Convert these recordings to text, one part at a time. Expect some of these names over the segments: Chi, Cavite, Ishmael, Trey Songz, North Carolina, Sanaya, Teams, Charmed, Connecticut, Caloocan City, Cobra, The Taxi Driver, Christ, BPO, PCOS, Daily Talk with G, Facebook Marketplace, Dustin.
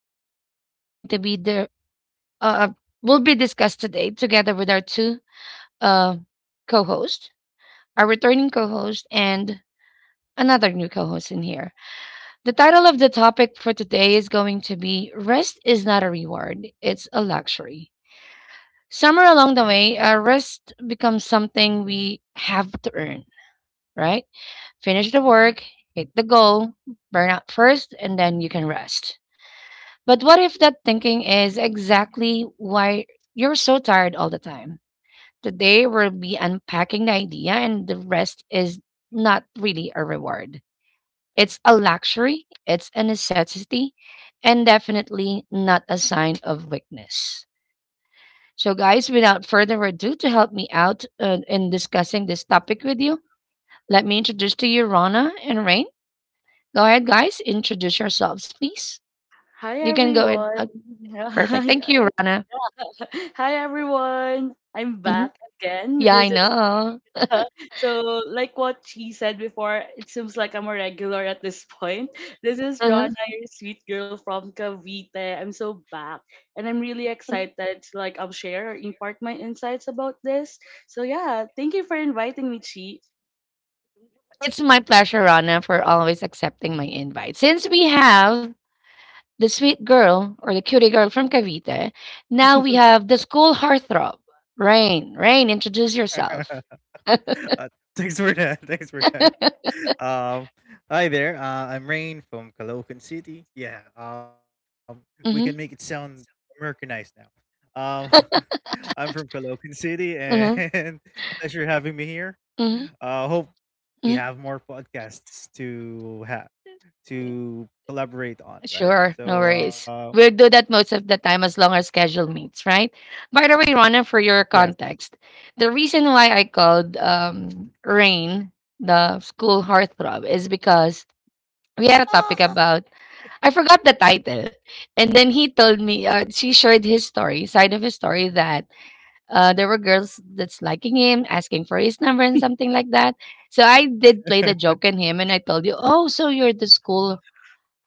the topic is going to be the uh, uh, will be discussed today together with our two uh, co-hosts, our returning co-host, and another new co-host in here. The title of the topic for today is going to be "Rest is not a reward; it's a luxury." Somewhere along the way, rest becomes something we have to earn, right? Finish the work, hit the goal, burn out first, and then you can rest. But what if that thinking is exactly why you're so tired all the time? Today, we'll be unpacking the idea, and the rest is not really a reward. It's a luxury, it's a necessity, and definitely not a sign of weakness. So, guys, without further ado, to help me out in discussing this topic with you, let me introduce to you Rana and Rain. Go ahead, guys, introduce yourselves, please. Hi You can go ahead. everyone. Perfect. Thank you, Rana. Hi everyone. I'm Mhm. back again. Yeah, This I is know. So like what she said before, it seems like I'm a regular at this point. This is Uh-huh. Rana, your sweet girl from Cavite. I'm so back and I'm really Mhm. excited to share or impart my insights about this. So yeah, thank you for inviting me, Chi. It's my pleasure, Rana, for always accepting my invite. Since we have the sweet girl or the cutie girl from Cavite, now we have the school heartthrob, Rain. Rain, introduce yourself. Uh, thanks for that. Thanks for that. Um, hi there. I'm Rain from Caloocan City. Yeah. We can make it Mm-hmm, sound Americanized now. I'm from Caloocan City, mm-hmm, and pleasure having me here. mm-hmm. Hope we have more podcasts to have Mm-hmm. to collaborate on. Right. Sure, no So, worries. We'll do that most of the time as long as schedule meets, right? By the way, Ronan, for your yes. context, the reason why I called Rain the school heartthrob is because we had a topic Oh, about, I forgot the title. And then he told me, she shared his story, side of his story, that there were girls that's liking him, asking for his number and something like that. So I did play the joke on him and I told you, oh, so you're the school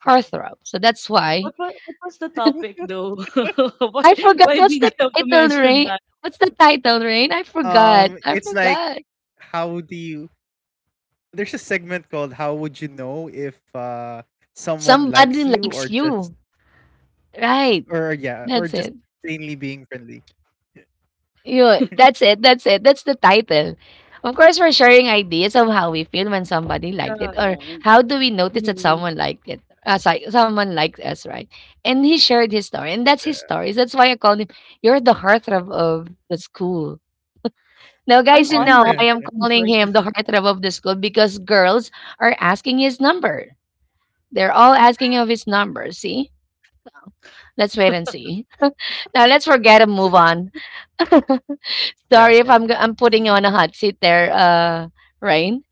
heartthrob. So that's why What was the topic though? why I forgot why did what's the you have to title, mention Rain. that? What's the title, Rain? I forgot. I it's like, forgot. how do you? There's a segment called "How would you know if someone Somebody likes you or likes just you. or Right. yeah or just That's it. plainly being friendly." You that's it. That's it. That's the title. Of course, we're sharing ideas of how we feel when somebody Yeah, liked it, or yeah. how do we notice that Mm-hmm. someone liked it, someone liked us, right? And he shared his story, and that's his stories. That's why I called him. You're the heartthrob of the school. Now, I'm guys, you know Yeah, honored. I am I'm calling honored. him the heartthrob of the school because girls are asking his number. They're all asking of his number. See, let's wait and see. Now, let's forget and move on. yeah, of course. Sorry if I'm putting you on a hot seat there, Rain.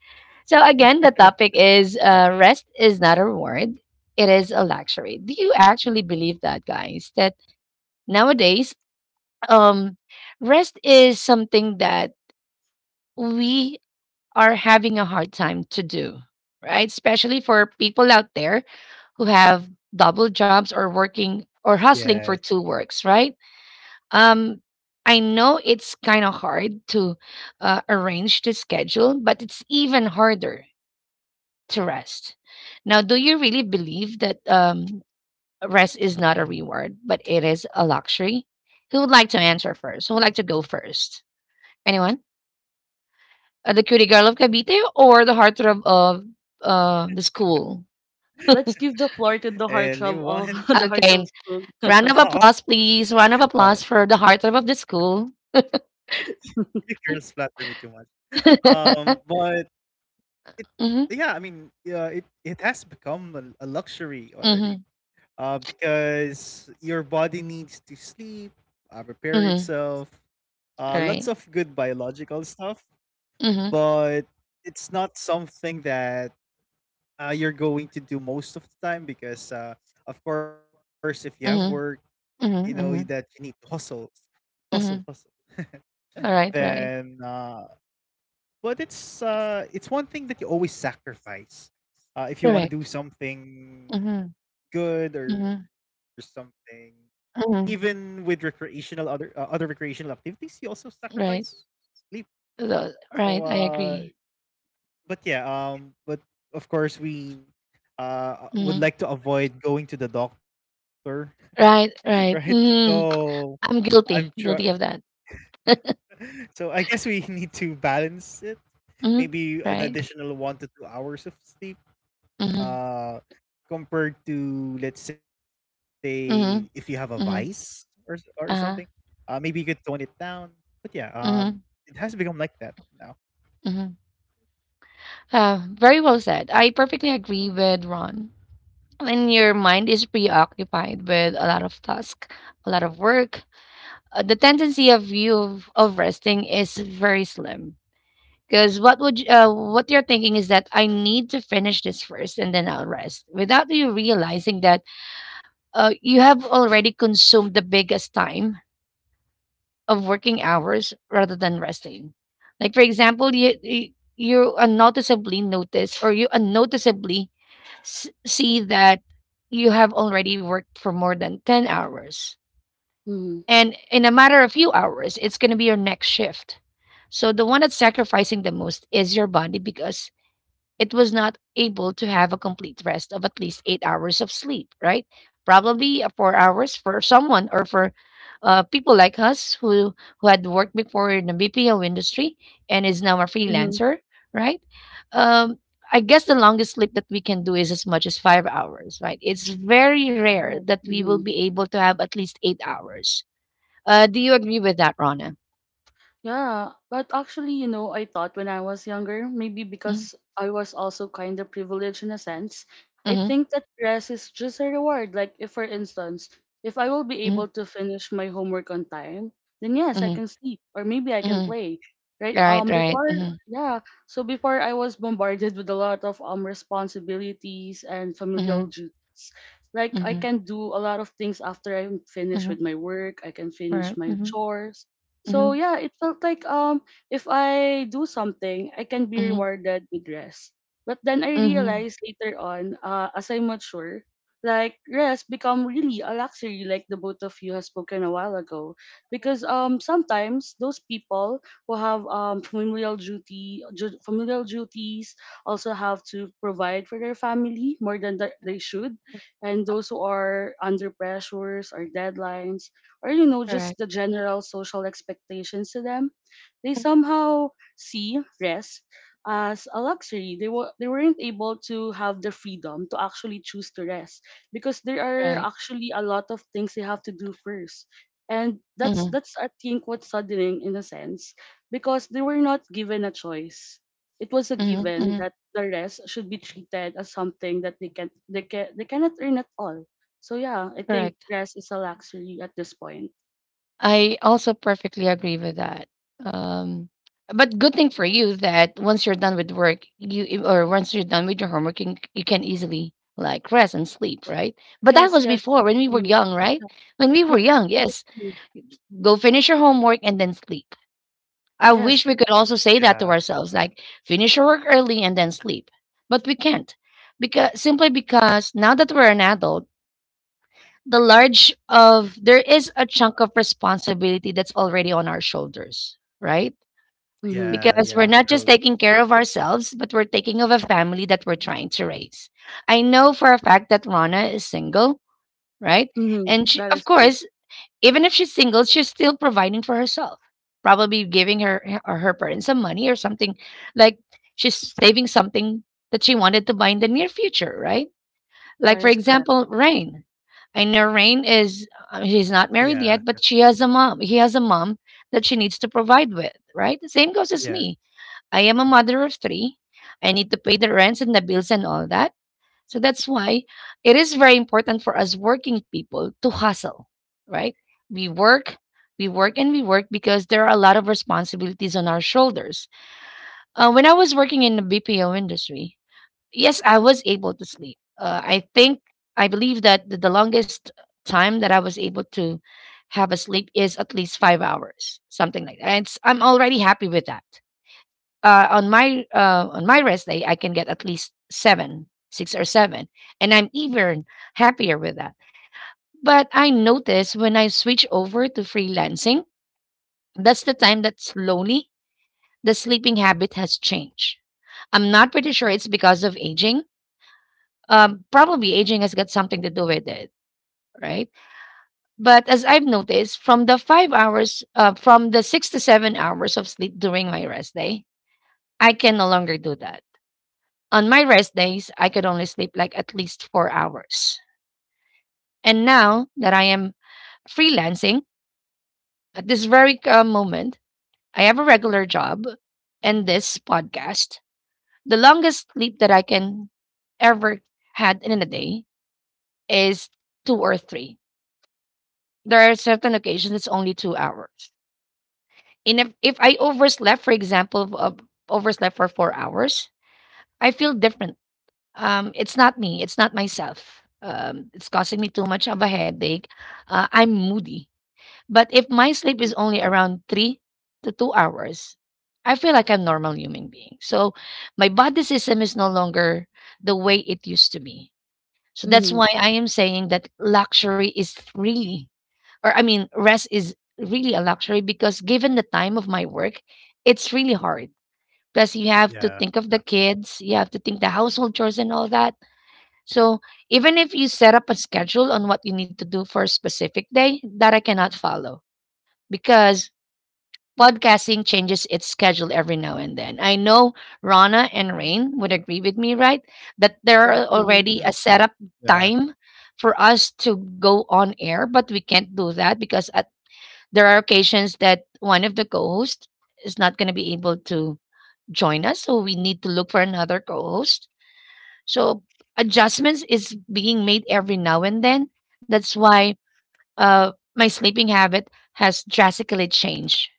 So again, the topic is Right. Rest is not a reward; it is a luxury. Do you actually believe that, guys? That nowadays, um, rest is something that we are having a hard time to do, right? Especially for people out there who have double jobs or working or Yes, hustling for two works, right? Um, I know it's kind of hard to arrange the schedule, but it's even harder to rest. Now, do you really believe that rest is not a reward, but it is a luxury? Who would like to answer first? Who would like to go first? Anyone? The Cutie Girl of Cavite or the Heartthrob of the school? Let's give the floor to the and it heartthrob one of the Okay, heartthrob school. Oh, round of applause, please. Round oh, of applause for the Heartthrob of the school. you girls flatter me too much. But it, Mm-hmm. yeah, I mean, yeah, it has become a luxury already. Mm-hmm. Because your body needs to sleep, repair Mm-hmm. itself, All lots right. of good biological stuff, Mm-hmm. but it's not something that you're going to do most of the time, because of course if you have work, Mm-hmm. you know Mm-hmm. that Mm-hmm. you need to hustle hustle hustle Mm-hmm. All right. Right. then but it's one thing that you always sacrifice if you want to do Correct. something Mm-hmm. good or Mm-hmm. something. Even with Mm-hmm. recreational other other recreational activities you also sacrifice Right. sleep, so Right. I agree. but yeah, but of course we would Mm-hmm. like to avoid going to the doctor, Right. right? Right. Mm-hmm. So I'm I'm guilty. sure. Guilty of that. So I guess we need to balance it. Mm-hmm. Maybe an Right. additional 1 to 2 hours of sleep, Mm-hmm. uh, compared to, let's say, if you have a Mm-hmm. vice Mm-hmm. Or something. Uh-huh. Maybe you could tone it down. But yeah, Mm-hmm. it has become like that now. Mm-hmm. Very well said. I perfectly agree with Ron. When your mind is preoccupied with a lot of task, a lot of work, the tendency of you of resting is very slim. Because what you're thinking is that I need to finish this first and then I'll rest, without you realizing that you have already consumed the biggest time of working hours rather than resting. Like for example, you unnoticeably notice or you unnoticeably see that you have already worked for more than 10 hours. Mm-hmm. And in a matter of few hours, it's going to be your next shift. So the one that's sacrificing the most is your body because it was not able to have a complete rest of at least 8 hours of sleep, right? Probably 4 hours for someone or for people like us who had worked before in the BPO industry and is now a Mm-hmm. freelancer, right? Um, I guess the longest sleep that we can do is as much as 5 hours, right? It's very rare that we will be able to have at least 8 hours. Do you agree with that, Rana? Yeah, but actually, you know, I thought when I was younger, maybe Mm-hmm, because I was also kind of privileged in a sense, I mm-hmm, think that rest is just a reward. Like, if for instance, if I will be mm-hmm, able to finish my homework on time, then yes, I can sleep or maybe I can mm-hmm. play, right? Right, right. Mm-hmm, Yeah, so before I was bombarded with a lot of responsibilities and familial mm-hmm, duties. Like, I mm-hmm, can do a lot of things after I'm finished mm-hmm. with my work. I can finish Right. my Mhm. chores, so Mhm. yeah, it felt like if I do something, I can be Mhm. rewarded with rest. But then I Mhm. realized later on, as I mature, like rest become really a luxury, like the both of you has spoken a while ago. Because sometimes those people who have familial duty, familial duties also have to provide for their family more than they should, and those who are under pressures or deadlines or you know Correct. just the general social expectations to them, they Mhm. somehow see rest as a luxury. They were they weren't able to have the freedom to actually choose to rest because there are Right. actually a lot of things they have to do first, and that's Mhm. that's I think what's saddening in a sense, because they were not given a choice. It was a Mhm. given Mhm. that the rest should be treated as something that they cannot earn at all. So yeah, I think Correct. rest is a luxury at this point. I also perfectly agree with that. Um, but good thing for you that once you're done with work, you or once you're done with your homework, you, you can easily like rest and sleep, right? But that Yes, was yes. before when we were Mm, young, right? yes, When we yes, were young, that is yes, true. go finish your homework and then sleep. I Yes. wish we could also say that to Yeah, ourselves, like finish our work early and then sleep. But we can't. Because simply because now that we're an adult, the large of there is a chunk of responsibility that's already on our shoulders, right? Mm-hmm. yeah, Because we're yeah. not just True. taking care of ourselves, but we're taking of a family that we're trying to raise. I know for a fact that Rana is single, right? Mm-hmm. And she, That of is true. course, even if she's single, she's still providing for herself. Probably giving her or her parents some money or something. Like she's saving something that she wanted to buy in the near future, right? Like That for is correct. example, Rain. I know Rain Yeah. is she's not married yet, but she has a mom. He has a mom that she needs to provide with, right? The same goes Yes. as me. I Mm, am a mother of three. I need to pay the rents and the bills and all that. So that's why it is very important for us working people to hustle, right? We work, we work, and we work because there are a lot of responsibilities on our shoulders. When I was working in the BPO industry, yes, I was able to sleep. I think, I believe that the longest time that I was able to have a sleep is at least 5 hours, something like that. And it's, I'm already happy with that on my rest day, I can get at least seven, six or seven, and I'm even happier with that. But I notice when I switch over to freelancing, that's the time that slowly the sleeping habit has changed. I'm not pretty sure it's because of aging. Probably aging has got something to do with it, right? But as I've noticed, from the 5 hours, from the 6 to 7 hours of sleep during my rest day, I can no longer do that. On my rest days, I could only sleep like at least 4 hours. And now that I am freelancing, at this very moment, I have a regular job and this podcast. The longest sleep that I can ever had in a day is two or three. There are certain occasions it's only 2 hours. And if I overslept, for example, overslept for 4 hours, I feel differently. It's not me. It's not myself. It's causing me too much of a headache. I'm moody. But if my sleep Mm-hmm. is only around 3 to 2 hours, I feel like I'm normal human being. So my body system is no longer the way it used to be. So that's Mm-hmm. why I am saying that luxury is really, or I mean, rest is really a luxury because given the time of my work, it's really hard. Plus, you have to yeah. think of the kids, you have to think the household chores and all that. So even if you set up a schedule on what you need to do for a specific day, that I cannot follow because podcasting changes its schedule every now and then. I know Rana and Rain would agree with me, right? That there are Correct. Mm-hmm. already a setup Yeah. time for us to go on air, but we can't do that because at there are occasions that one of the co-hosts is not going to be able to join us, so we need to look for another co-host so adjustments is being made every now and then. That's why my sleeping habit has drastically changed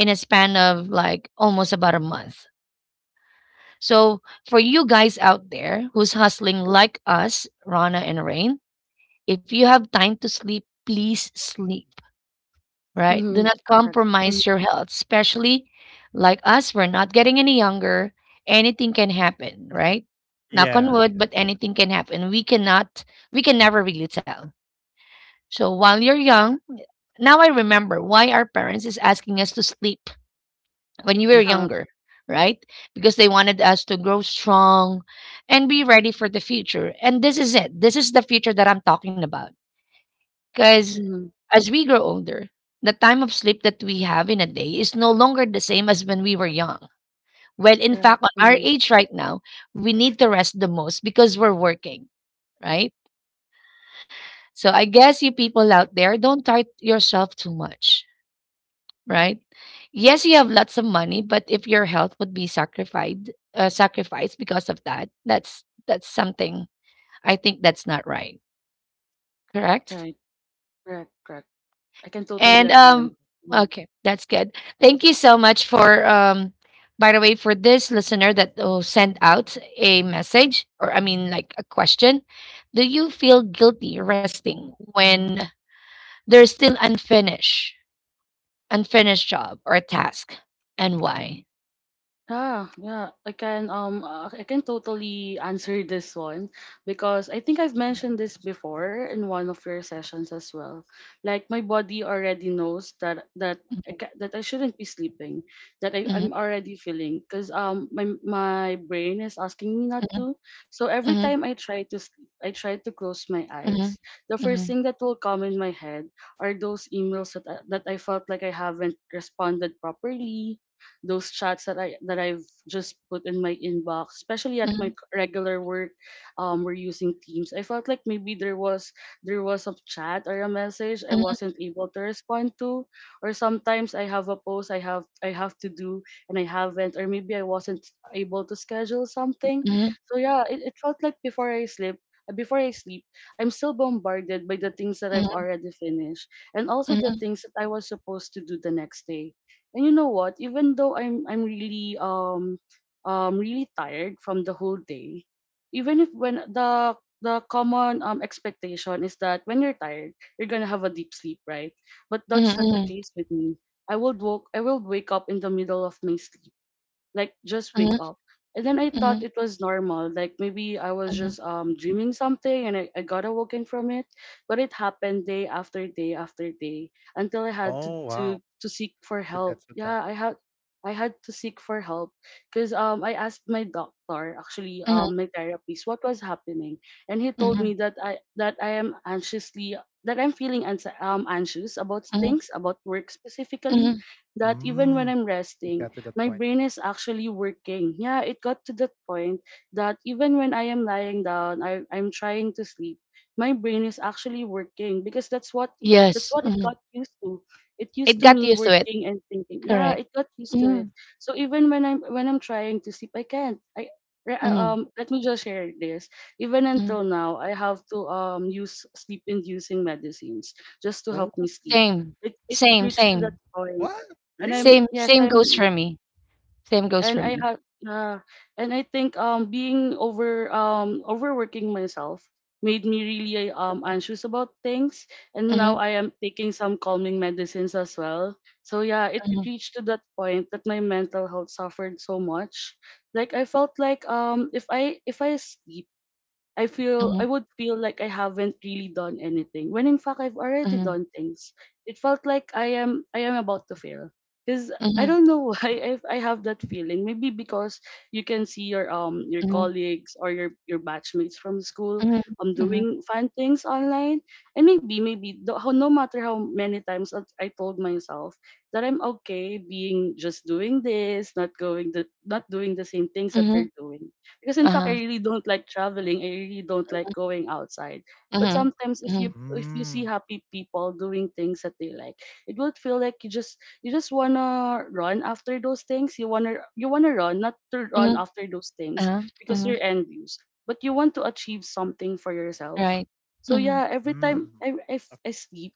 in a span of like almost about a month. So for you guys out there who's hustling like us, Rana and Rain, if you have time to sleep, please sleep. Right? Do Mm-hmm. not Correct. Mm-hmm. compromise your health, especially like us, we're not getting any younger. Anything can happen, right? Knock on Yeah. wood, but anything can happen. We can never really tell. So while you're young, now I remember why our parents is asking us to sleep when you were Yeah. younger, right? Because they wanted us to grow strong and be ready for the future. And this is it. This is the future that I'm talking about because Mm-hmm. as we grow older, the time of sleep that we have in a day is no longer the same as when we were young. Well, in Correct. fact, on our Mm-hmm. age right now, we need to rest the most because we're working, right? So I guess you people out there, don't tire yourself too much, right? Yes, you have lots of money, but if your health would be sacrificed because of that, that's something I think that's not right. Correct? Right. Correct. Correct. I can totally And agree on that. Mm-hmm. okay, that's good. Thank you so much for by the way for this listener that will send out a message or I mean like a question. Do you feel guilty resting when there's still unfinished job or task and why? Yeah, yeah, I can totally answer this one because I think I've mentioned this before in one of your sessions as well. Like my body already knows that that I Mhm, ca- that I shouldn't be sleeping, that I, mhm, I'm already feeling because my my brain is asking me not mhm, to. So every mhm, time I try to sleep, I try to close my mhm, eyes. The first thing that will come in my head are those emails that I felt like I haven't responded properly, those chats that I've just put in my inbox, especially at my mhm, regular work. We're using Teams. I felt like maybe there was a chat or a message I mhm, wasn't able to respond to, or sometimes I have a post I have to do and I haven't, or maybe I wasn't able to schedule something. mhm, So yeah, it felt like before I sleep, uh, before I sleep, I'm still bombarded by the things that I've mhm, already finished and mhm, also the mhm, things that I was supposed to do the next day. And you know what? Even though I'm really really tired from the whole day, even if when the common expectation is that when you're tired, you're gonna have a deep sleep, right? But mhm, that's not the mhm, case with me. I will wake up in the middle of my sleep, like just wake mhm, up, and then I thought mhm, it was normal, like maybe I was just dreaming something and I got awoken from it. But it happened day after day after day until I had to seek for help. Yeah, I had I had to seek for help because I asked my doctor, actually my therapist, what was happening, and he mhm, told mhm, me that I am anxiously, that I'm feeling anxious about mhm, things, about work specifically, mhm. that even when I'm resting my brain is actually working. Yeah, it got to that point that even when I am lying down, I'm trying to sleep, my brain is actually working because that's Yes, what it mhm. got used to. It It used to got me used to it. working and thinking. Yeah, Correct. it got used to it. Mm, So even when I'm trying to sleep, I can't. Mhm, Let me just share this. Even mm. until now, I have to use sleep inducing medicines just to help me sleep. Same, It same, reached to that same. point. And I'm, Same yes, same goes I'm, for me. Same goes and for I me. have, yeah, and I think being over, overworking myself made me really anxious about things, and now Mhm, I am taking some calming medicines as well. So yeah, it mhm, reached to that point that my mental health suffered so much. Like I felt like if I sleep, mhm, I would feel like I haven't really done anything when in fact I've already mhm, done things. It felt like I am about to fail because I mhm, don't know why I have that feeling. Maybe because you can see your mhm, colleagues or your batchmates from school mhm, mhm, doing fun things online, and maybe, no matter how many times I told myself that I'm okay being just doing this, not doing the same things that mhm, they're doing, because in fact uh-huh, I really don't like traveling. I really don't like going outside. But mhm, sometimes mhm, if you see happy people doing things that they like, it would feel like you just wanna run after those things. You wanna run, not to run mhm, after those things, uh-huh, because mhm, you're envious. But you want to achieve something for yourself. right. So Mhm, yeah, every right. time I sleep,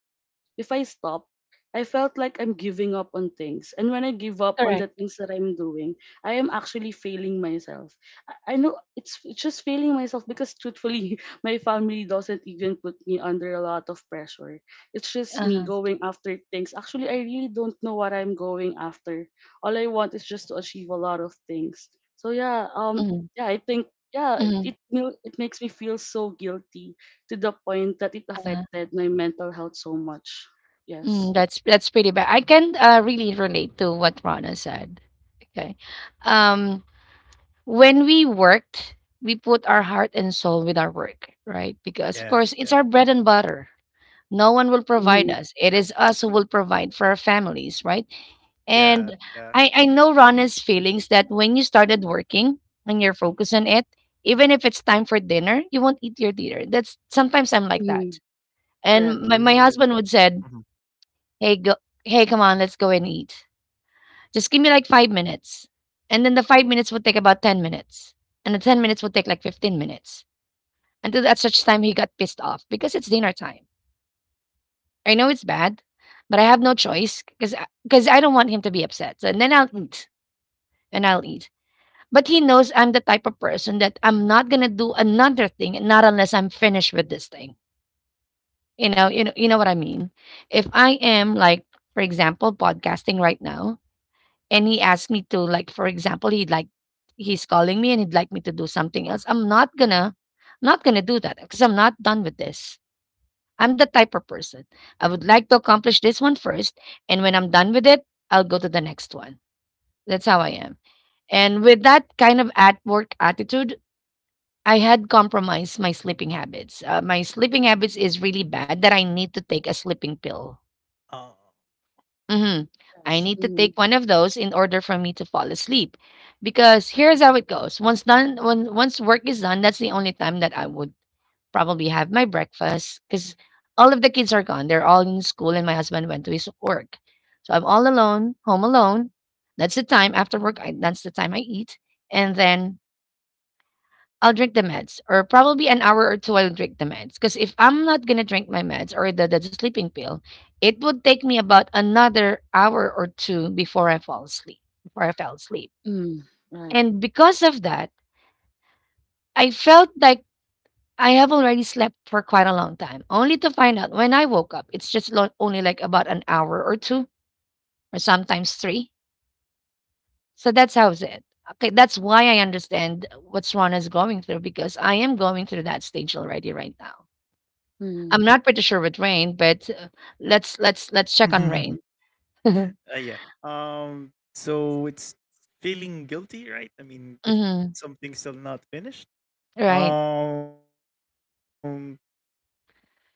if I stop, I felt like I'm giving up on things. And when I give up on the Correct. things that I'm doing, I am actually failing myself. I know it's just failing myself, because truthfully, my family doesn't even put me under a lot of pressure. It's just me Uh-huh, going after things. Actually, I really don't know what I'm going after. All I want is just to achieve a lot of things. So yeah, mhm, yeah, I think yeah, mhm, it makes me feel so guilty to the point that it uh-huh. affected my mental health so much. Mm, Yes. that's pretty bad. I can really relate to what Rana said. Okay. Um, when we worked, we put our heart and soul with our work, right? Because, of course, it's our bread and butter. No one will provide Mm-hmm. us. It is us who will provide for our families, right? And I know Rana's feelings that when you started working and you're focused on it, even if it's time for dinner, you won't eat your dinner. That's sometimes I'm like Mm-hmm. that. Correct. And my husband would said, Hey, go hey, come on, let's go and eat. Just give me like 5 minutes. And then the 5 minutes would take about 10 minutes. And the 10 minutes would take like 15 minutes. Until at such time he got pissed off because it's dinner time. I know it's bad, but I have no choice because I don't want him to be upset. So, and then I'll eat. But he knows I'm the type of person that I'm not gonna do another thing, not unless I'm finished with this thing. You know what I mean. If I am like, for example, podcasting right now, and he asked me to like for example he's calling me and he'd like me to do something else. I'm not gonna do that because I'm not done with this. I'm the type of person. I would like to accomplish this one first, and when I'm done with it, I'll go to the next one. That's how I am. And with that kind of at work attitude, I had compromised my sleeping habits. My sleeping habits is really bad that I need to take a sleeping pill. Mhm. I Yes. need to Mm-hmm. take one of those in order for me to fall asleep. Because here's how it goes. Once work is done, that's the only time that I would probably have my breakfast because all of the kids are gone. They're all in school and my husband went to his work. So I'm all alone, home alone. That's the time after work. That's the time I eat. And then I'll drink the meds, or probably an hour or two. I'll drink the meds because if I'm not gonna drink my meds or the sleeping pill, it would take me about another hour or two before I fall asleep. Before I fell asleep, Mm. Right. and because of that, I felt like I have already slept for quite a long time. Only to find out when I woke up, it's just only like about an hour or two, or sometimes three. So that's how's it. Okay, that's why I understand what Rana is going through because I am going through that stage already right now. Mm-hmm. I'm not pretty sure with Rain, but let's check on Rain. Mhm. Right.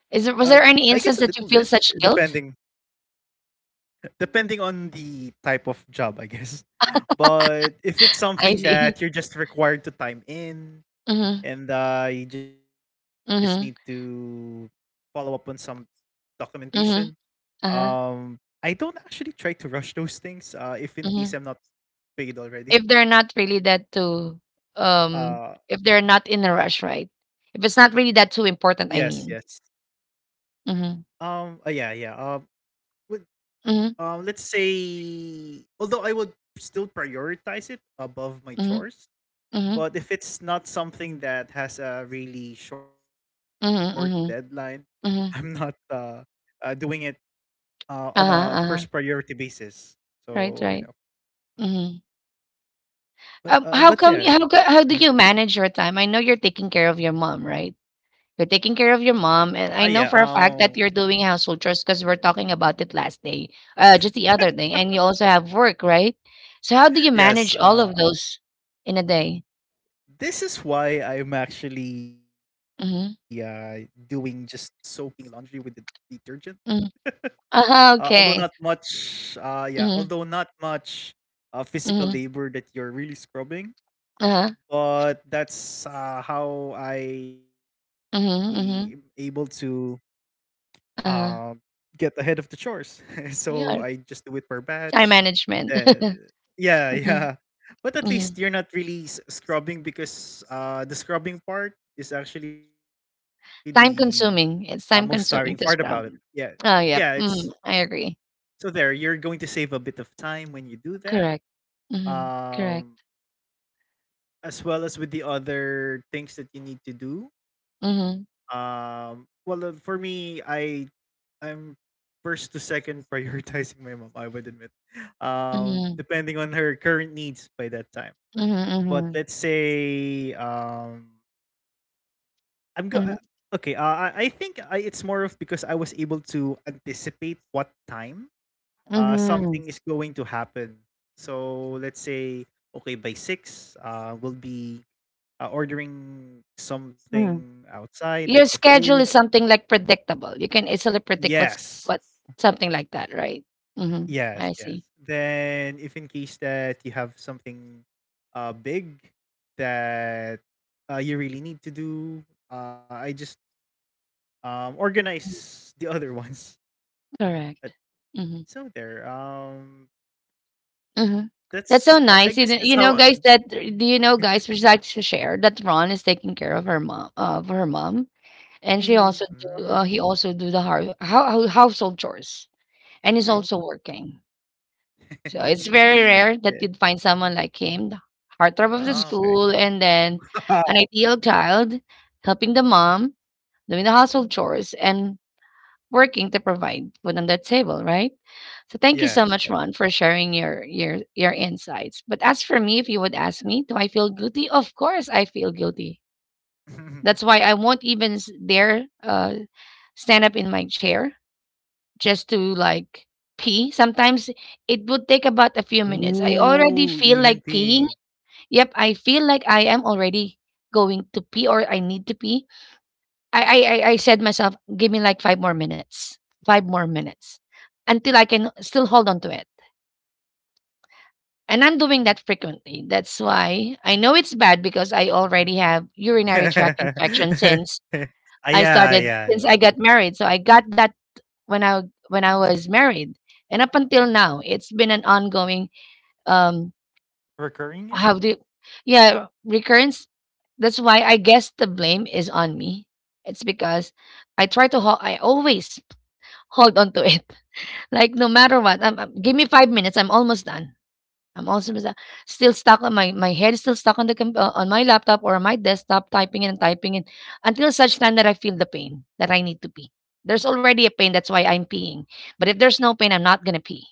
Is there was there any instance that you feel such guilt? I Mm-hmm. see. Mhm. Mhm. Mhm. Uh-huh. Mhm. If they're not really that too um if they're not in a rush, right? If it's not really that too important, I mean. Mhm. Mhm. Mhm. Mhm. Mhm. Mhm. Mhm. Uh-huh. Uh-huh. Right, right. Mhm. How come how co- how do you manage your time? I know you're taking care of your mom, right? You're taking care of your mom, and I know for a fact that you're doing household chores because we're talking about it just the other day, and you also have work, right? So how do you manage all of those in a day? Mm-hmm. Mm-hmm. Uh-huh, okay. Mm-hmm. Mm-hmm. Uh-huh. Mm-hmm. Mm-hmm. Uh-huh. Yeah. Time management. mm-hmm. Mm-hmm. Time consuming. It's time consuming to scrub. Oh, yeah. Mm, I agree. Correct. Mm-hmm. Correct. Mm-hmm. Mm-hmm. Mm-hmm. Mm-hmm. Mm-hmm. mm-hmm. Mm. Your schedule is something like predictable. You can easily predict what's something like that, right? Mm-hmm. I see. Mhm. Correct. Mm-hmm. Mm-hmm. That's so nice. You know, guys. That do you know, guys? Which like to share that Ron is taking care of her mom, and she Mm-hmm. also do. He also do the household chores, and he's Right. also Mm. working. So it's Mm-hmm. very rare that you'd find someone like him, the heartthrob of the school, and then an ideal child, helping the mom, doing the household chores, and working to provide food on the table, right? So thank you so Mhm. much, Ron, for sharing your insights. But as for me, if you would ask me, do I feel guilty? Of course, I feel guilty. That's why I won't even dare stand up in my chair just to like pee. Sometimes it would take about a few minutes. I already feel like peeing. Yep, I feel like I am already going to pee or I need to pee. I said myself, give me like 5 more minutes. 5 more minutes until I can still hold on to it. And I'm doing that frequently. That's why I know it's bad because I already have urinary tract infection since I got married. So I got that when I when I was married, and up until now, it's been an ongoing um how do you- yeah recurrence. That's why I guess the blame is on me. It's because I try to hold. I always hold on to it. Like no matter what, give me 5 minutes. I'm almost done. I'm also basta still stuck on my head is still stuck on the com on my laptop or on my desktop, typing and typing it until such time that I feel the pain that I need to pee. There's already a pain, that's why I'm peeing. But if there's no pain, I'm not gonna pee.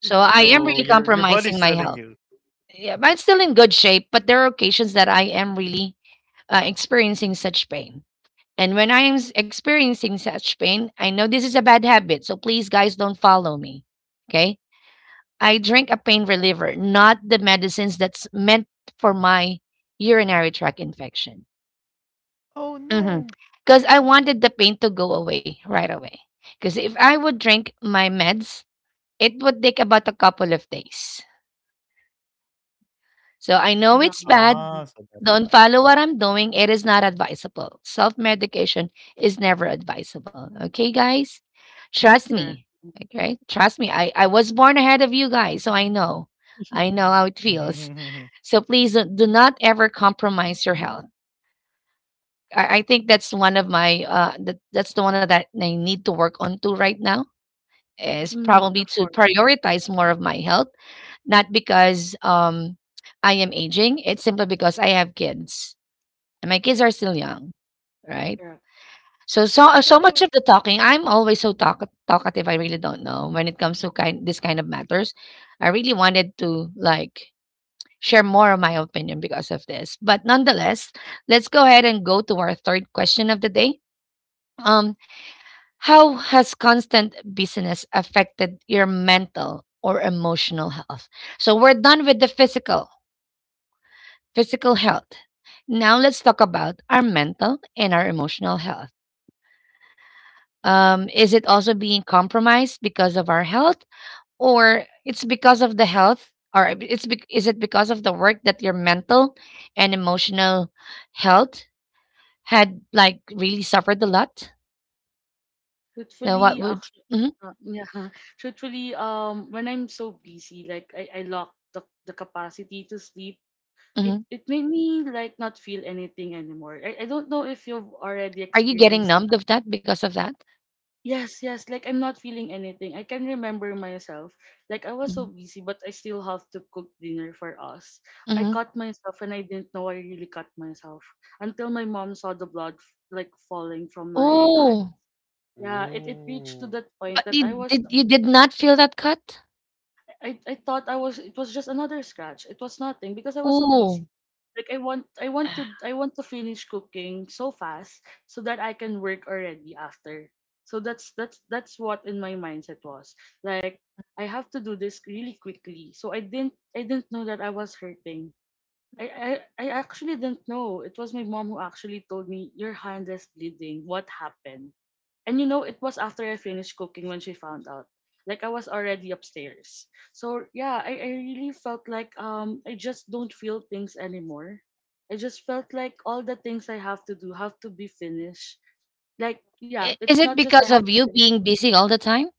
So Right. I am really Mhm. compromising my health. Yeah, but I'm still in good shape, but there are occasions that I am really experiencing such pain. And when I am experiencing such pain, I know this is a bad habit. So please, guys, don't follow me. Okay. I drink a pain reliever, not the medicines that's meant for my urinary tract infection. Because I wanted the pain to go away right away. Because if I would drink my meds, it would take about a couple of days. So I Oh know yeah. it's bad. Mhm. Don't follow what I'm doing. It is not advisable. Self medication is never advisable. Okay, guys? Trust Correct. me. Okay? Trust me. I was born ahead of you guys, so I know. I know how it feels. So please do not ever compromise your health. I think that's the one that I need to work on to right now is Mm, probably of to course. prioritize more of my health not because I am aging. It's simply because I have kids. And my kids are still Correct. young, right? Correct. So so much of the talking. I'm always so talkative. I really don't know when it comes to kind this kind of matters. I really wanted to like share more of my opinion because of this. But nonetheless, let's go ahead and go to our third question of the day. Um, how has constant business affected your mental or emotional health? So we're done with the physical health. Now let's talk about our mental and our emotional health. Is it also being compromised because of our health, or it's because of the health, or it's bec is it because of the work that your mental and emotional health had like really suffered a lot? Now, what Truthfully, would? actually, hmm yeah. Truthfully, when I'm so busy, like I lock the capacity to sleep, it hmm it made me like not feel anything anymore. I don't know if you've already Are you getting experienced that. numbed of that because of that? Yes, yes, like I'm not feeling anything. I can remember myself. Like I was so hmm busy but I still have to cook dinner for us. I hmm cut myself and I didn't know I really cut myself, until my mom saw the blood like falling from my hand. Oh, Yeah, it reached to that point but that I was, you did not feel that cut? I thought I was it was just another scratch. It was nothing because I was so Oh. busy. Like I want to finish cooking so fast so that I can work already after. So that's what in my mindset was. Like I have to do this really quickly. So I didn't know that I was hurting. I actually didn't know. It was my mom who actually told me, your hand is bleeding. What happened? And you know, it was after I finished cooking when she found out. Like I was already upstairs. So yeah, I really felt like I just don't feel things anymore. I just felt like all the things I have to do have to be finished. Like yeah, I is it's it not just I because have of to you finish. being busy all the time?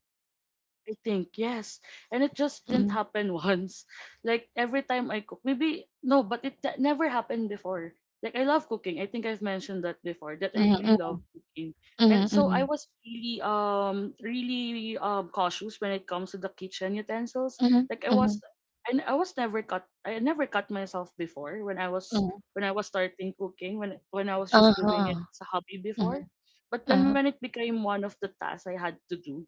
I think, yes. And it just didn't Mhm, happen once. Like every time I cook, maybe, no, but it that never happened before. Like I love cooking. I think I've mentioned that before, that I really love mhm, cooking. And mhm, so I mhm, was really, really cautious when it comes to the kitchen utensils. mhm, Like I was, mhm, and I was never cut, I never cut myself before mhm. when I was starting cooking, when I was just doing it Uh-huh. as a hobby Mhm, before. But then when uh-huh, it became one of the tasks I had to do,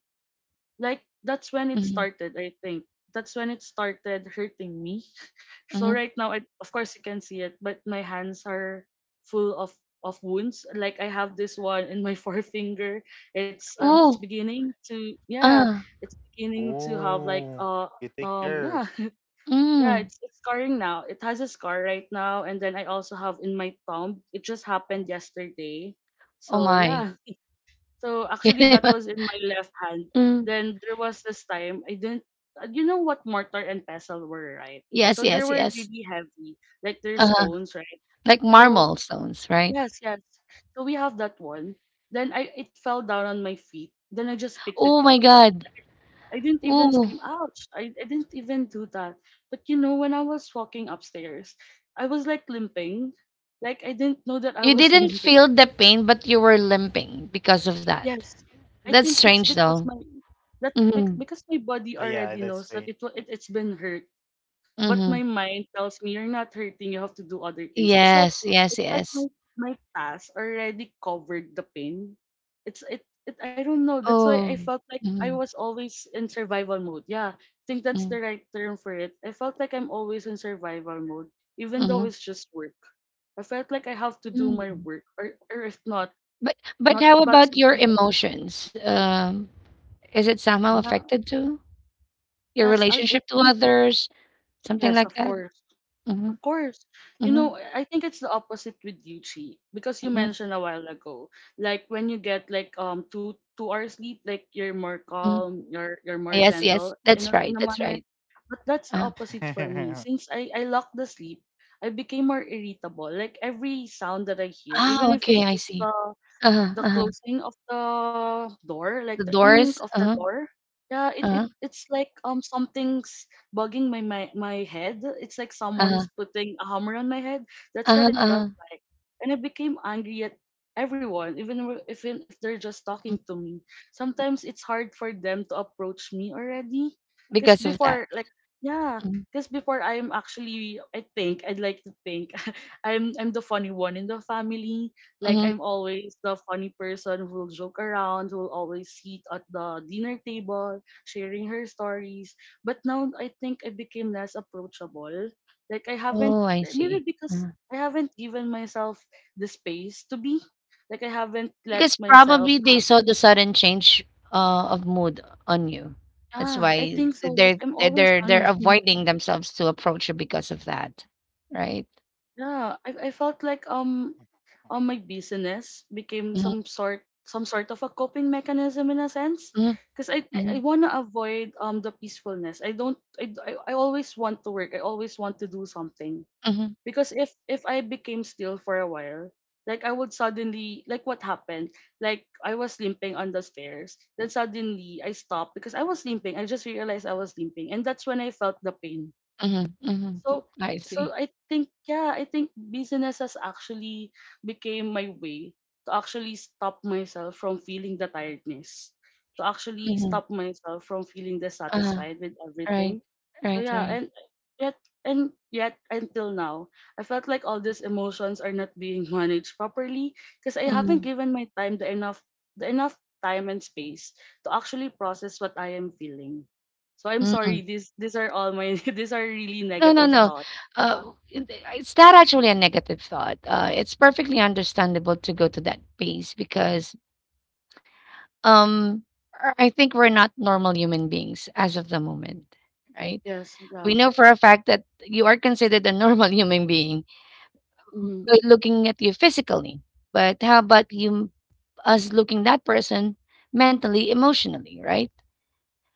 like that's when it mhm, started I think that's when it started hurting me. So mhm. right now I, of course you can see it, but my hands are full of wounds. Like I have this one in my forefinger. It's Ooh, beginning to, ah, it's beginning to have like yeah. Yeah, mm. it's scarring now. It has a scar right now, and then I also have in my thumb. It just happened yesterday, Oh so my. yeah. So actually, that was in my left hand. Mm. Then there was this time I didn't. You know what mortar and pestle were, right? Yes, So they yes, were yes. really heavy, like they're Uh-huh. stones, right? Like So marble stones, right? yes, yes. So we have that one. Then I it fell down on my feet. Then I just picked it Oh my up. God. I didn't even Ooh. scream, ouch! I didn't even do that. But you know, when I was walking upstairs, I was like limping. Like I didn't know that I You was didn't limping. feel the pain, but you were limping because of that. Yes. I That's think it's strange because though. my that bec- Mhm, because my body already knows that it, wa- it it's been hurt, but mhm. my mind tells me you're not hurting. You have to do other things. It's like Yes, yes, it's like yes. my my task already covered the pain. It's it, it I don't know. That's why I Oh. felt like I Mhm, was always in survival mode. Yeah, I think that's mhm, the right term for it. I felt like I'm always in survival mode, even though mhm. it's just work. I felt like I have to do my Mm. work, or if not, But not how but about your something that emotions? Is it somehow affected too? Your Yes, I relationship to think others, something yes, like of that? course. Mm-hmm, Of course. You mm-hmm, know, I think it's the opposite with you, Chi, because you mm-hmm, mentioned a while ago, like when you get like two two hours sleep, like you're more hmm. calm, you're more Yes, yes, gentle in that's a, right, in a that's manner. right. But that's the Uh, opposite for me. Since I lock the sleep, I became more irritable. Like every sound that I hear, ah, even if it's okay, I just the see. Uh-huh, the uh-huh. closing of the door, like the The ink doors, of the uh-huh, door. Yeah, it, it uh-huh, it's like something's bugging my head. It's like someone's uh-huh, putting a hammer on my head. That's what uh-huh, it felt uh-huh. like, and I became angry at everyone, even if they're just Mhm. talking to me. Sometimes it's hard for them to approach me already, because Because of that. before like yeah, Mm-hmm. because before I'm actually I think I'd like to think I'm the funny one in the family, like Mm-hmm. I'm always the funny person who'll joke around, who'll always sit at the dinner table, sharing her stories. But now I think I became less approachable. Like I haven't, Oh, I maybe see. because Uh-huh. I haven't given myself the space to be. Like I haven't let Because myself probably they have, saw the sudden change, of mood on you. That's ah, I why think so. Like they're I'm they're always they're they're hungry. avoiding themselves to approach you because of that, right? Yeah, I felt like my business became Mm-hmm. some sort, some sort of a coping mechanism in a sense, Mm-hmm. because I Mm-hmm. want to avoid the peacefulness. I don't I, d- I always want to work. I always want to do something, Mm-hmm. because if I became still for a while, like I would suddenly, like what happened? Like I was limping on the stairs. Then suddenly I stopped because I was limping. I just realized I was limping, and that's when I felt the pain. Mm-hmm. Mm-hmm. so I so see. I think, yeah, I think business has actually became my way to actually stop myself from feeling the tiredness, to actually Mm-hmm. stop myself from feeling Uh, dissatisfied with right. everything. So Right. yeah, Right. and yet, and yet until now, I felt like all these emotions are not being managed properly because I Mm-hmm. haven't given my time the enough, the enough time and space to actually process what I am feeling. So I'm Mm-hmm. sorry. These are all my these are really No, no, negative no. thoughts. It's not actually a negative thought. It's perfectly understandable to go to that pace because Um, I think we're not normal human beings as of the moment, right? Yes. We Yeah. know for a fact that you are considered a normal human being Mm-hmm. by looking at you physically, but how about you us looking that person mentally, emotionally, right?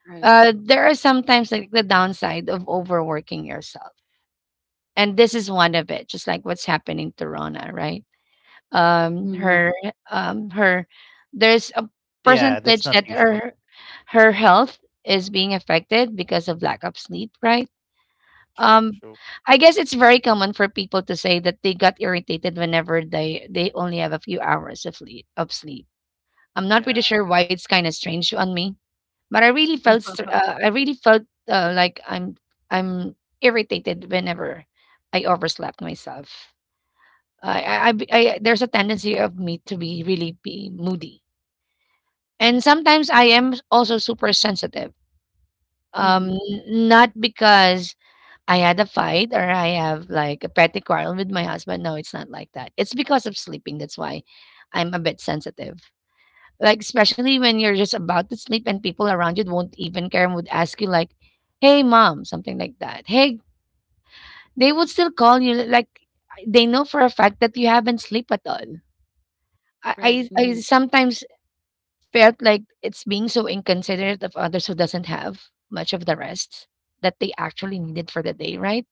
Right. There are sometimes like the downside of overworking yourself, and this is one of it. Just like what's happening to Rona, right? um Mm-hmm. her her there's a percentage that her health is being affected because of lack of sleep, right? Um I guess it's very common for people to say that they got irritated whenever they only have a few hours of sleep. I'm not pretty sure why it's kind of strange on me, but I really felt I really felt like I'm irritated whenever I overslept myself. I, I, I. There's a tendency of me to be moody. And sometimes I am also super sensitive. Mm-hmm. Not because I had a fight or I have like a petty quarrel with my husband. No, it's not like that. It's because of sleeping. That's why I'm a bit sensitive. Like especially when you're just about to sleep and people around you won't even care and would ask you like, "Hey, mom," something like that. Hey, they would still call you like they know for a fact that you haven't slept at all. Right. I Mm-hmm. sometimes felt like it's being so inconsiderate of others who doesn't have much of the rest that they actually needed for the day, right?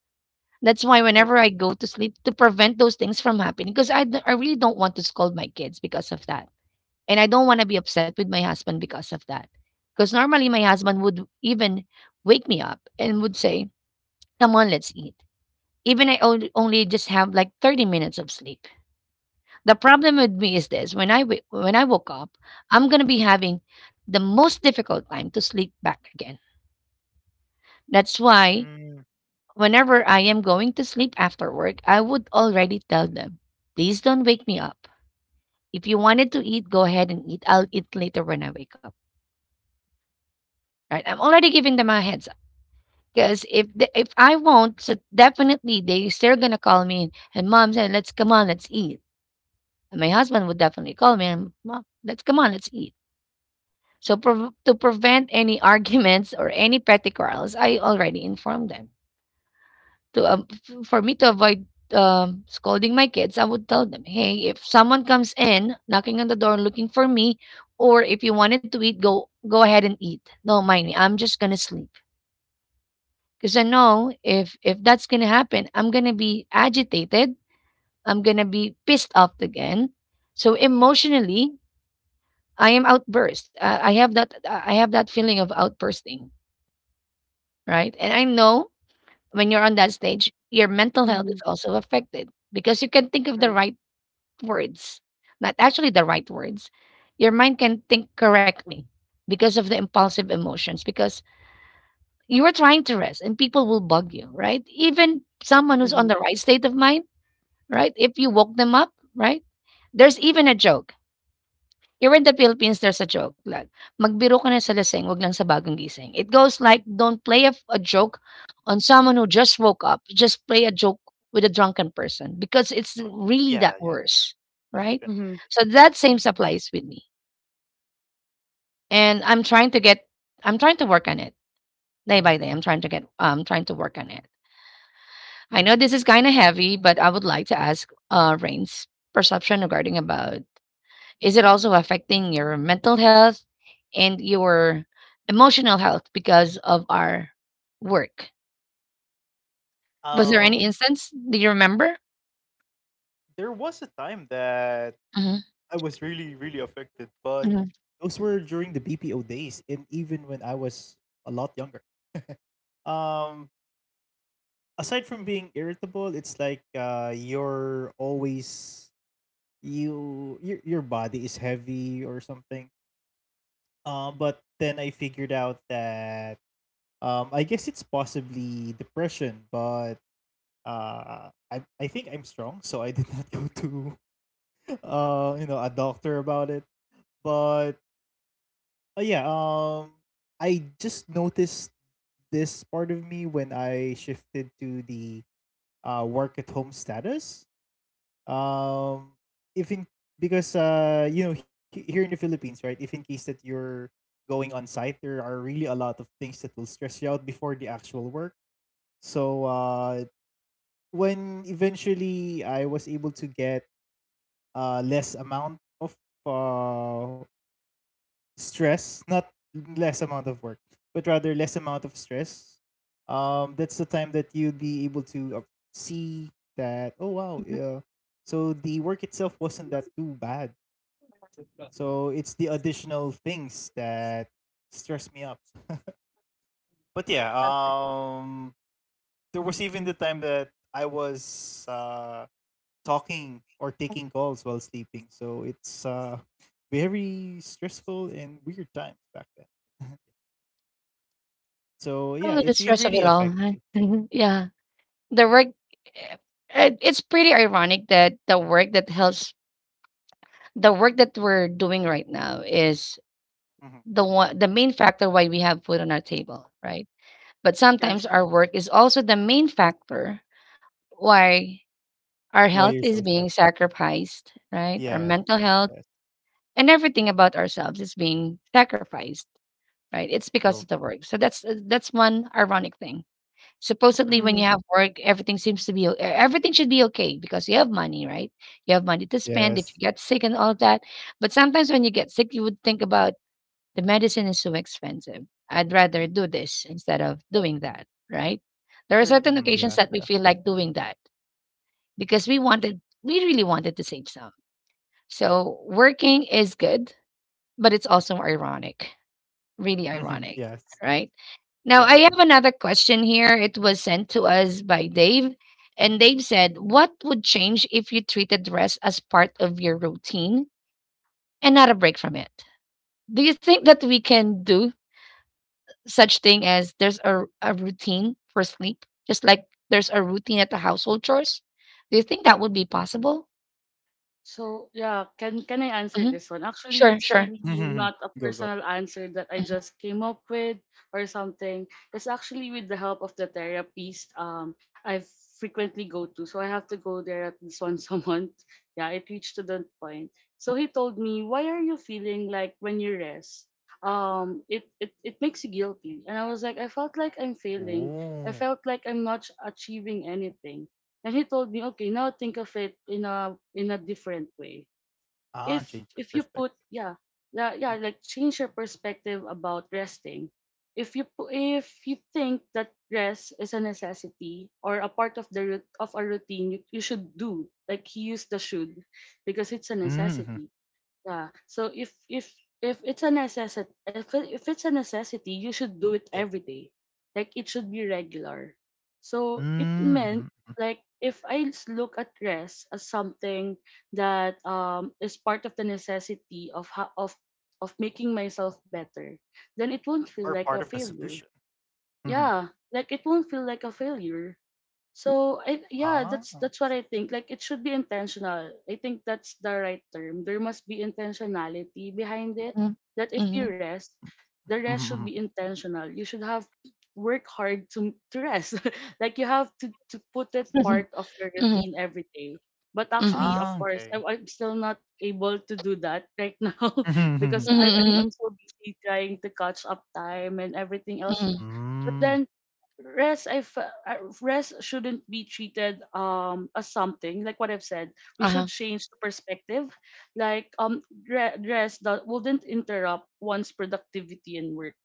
That's why Right. whenever I go to sleep to prevent those things from happening, because I really don't want to scold my kids because of that. And I don't want to be upset with my husband because of that. Because normally my husband would even wake me up and would say, Come on, let's eat. Even only just have like 30 minutes of sleep. The problem with me is this: when I woke up, I'm gonna be having the most difficult time to sleep back again. That's why whenever I am going to sleep after work, I would already tell them, please don't wake me up. If you wanted to eat, go ahead and eat. I'll eat later when I wake up. Right? I'm already giving them a heads up because if I won't, so definitely they still gonna call me and mom said, let's come on, let's eat. And my husband would definitely call me and mom, let's come on, let's eat. So prov To prevent any arguments or any petty quarrels, I already informed them. For me to avoid scolding my kids, I would tell them, "Hey, if someone comes in knocking on the door looking for me, or if you wanted to eat, go ahead and eat. Don't mind me. I'm just gonna sleep because I know if that's gonna happen, I'm gonna be agitated. I'm gonna be pissed off again. So emotionally, I am outburst. I have that. I have that feeling of outbursting." Right? And I know when you're on that stage, your mental health Mm-hmm. is also affected because you can think of the Right. right words, not actually the right words. Your mind can think correctly because of the impulsive emotions, because you are trying to rest and people will bug you, right? Even someone who's on Mm-hmm. the right state of mind, right? If you woke them up, right? There's even a joke here in the Philippines, there's a joke like, "Magbiro ka na sa lasing, 'wag lang sa bagong gising." It goes like, don't play a joke on someone who just woke up. Just play a joke with a drunken person because it's really that worse, right? Mm-hmm. So that same applies with me. And I'm trying to work on it day by day. I'm trying to work on it. I know this is kind of heavy, but I would like to ask Rain's perception regarding about is it also affecting your mental health and your emotional health because of our work? Was there any instance? Do you remember? hmm hmm Okay. Oh, the stress of it all, huh? yeah. The work, eh, it's pretty ironic that the work that we're doing right now is the main factor why we have food on our table, right? But sometimes Yes. our work is also the main factor why our health is being sacrificed, right? Our mental health and everything about ourselves is being sacrificed, right? It's because of the work. So that's one ironic thing. Supposedly, when Mm-hmm. you have work, everything seems to be everything should be okay because you have money, right? You have money to Yeah. spend if you get sick and all of that. But sometimes when you get sick, you would think about the medicine is so expensive. I'd rather do this instead of doing that, right? There are Correct. certain occasions that we feel like doing that because we really wanted to save some. So working is good, but it's also ironic, really ironic, right? Now I have another question here. It was sent to us by Dave, and Dave said, "What would change if you treated rest as part of your routine and not a break from it?" Do you think that we can do such thing as there's a routine for sleep, just like there's a routine at the household chores? Do you think that would be possible? So yeah, can I answer Hmm. this one? Actually, Sure, it's sure. really not a personal answer that I Mm-hmm. just came up with or something. It's actually with the help of the therapist I frequently go to. So I have to go there at least once a month. Yeah, it reached to that point. So he told me, "Why are you feeling like when you rest? It makes you guilty." And I was like, "I felt like I'm failing. I felt like I'm not achieving anything." And he told me, okay, now think of it in a different way. If if you put yeah yeah yeah like change your perspective about resting. If you think that rest is a necessity or a part of the rut- of a routine you, you should do, like he used the should, because it's a necessity. Yeah. So if it's a necessity, if it's a necessity, you should do it every day. Like it should be regular. So it meant like if I look at rest as something that is part of the necessity of making myself better, then it won't feel like a failure. Yeah, like it won't feel like a failure, so I yeah, that's what I think. Like it should be intentional. I think that's the right term. There must be intentionality behind it. Mhm. That if Mhm. you rest, the rest should be intentional. You should have work hard to rest. Like you have to put it part of your Mhm. routine every day. But Mhm. actually, of course, I'm still not able to do that right now because Mhm, I, I'm mhm, I'm so busy trying to catch up time and everything else. mhm. But then rest shouldn't be treated as something like what I've said. We should Uh-huh. change the perspective. Like rest that wouldn't interrupt one's productivity and work.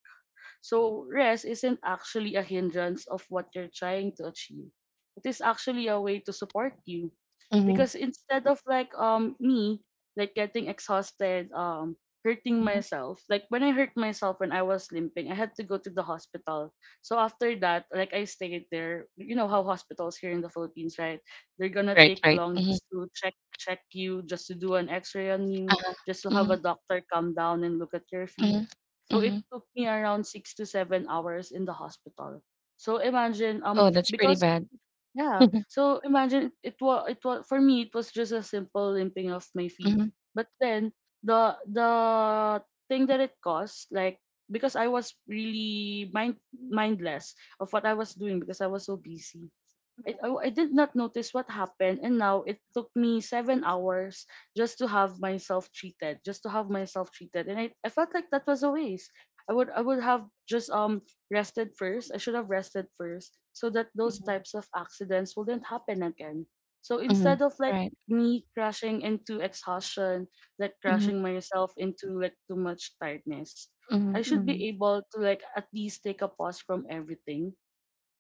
So rest isn't actually a hindrance of what you're trying to achieve. It is actually a way to support you Mhm, because instead of like me like getting exhausted, hurting mhm. myself, like when I hurt myself when I was limping I had to go to the hospital. So after that, like I stayed there. You know how hospitals here in the Philippines, right? They're gonna Right, take right. long Mhm. just to check you, just to do an X-ray on you, Uh-huh. just to have a Mhm, doctor come down and look at your feet. mhm, So it mhm. took me around 6 to 7 hours in the hospital. So imagine, Oh, that's pretty because bad. yeah, so imagine, it was for me it was just a simple limping of my feet. Mhm. But then the thing that it caused, like because I was really mindless of what I was doing because I was so busy. I did not notice what happened, and now it took me 7 hours just to have myself treated, just to have myself treated, and I felt like that was a waste. I would have just rested first. I should have rested first so that those Mhm. types of accidents wouldn't happen again. So instead Mhm. of like Right. me crashing into exhaustion, like Mhm, crashing myself into like too much tiredness, I mhm, should be mhm. able to like at least take a pause from everything.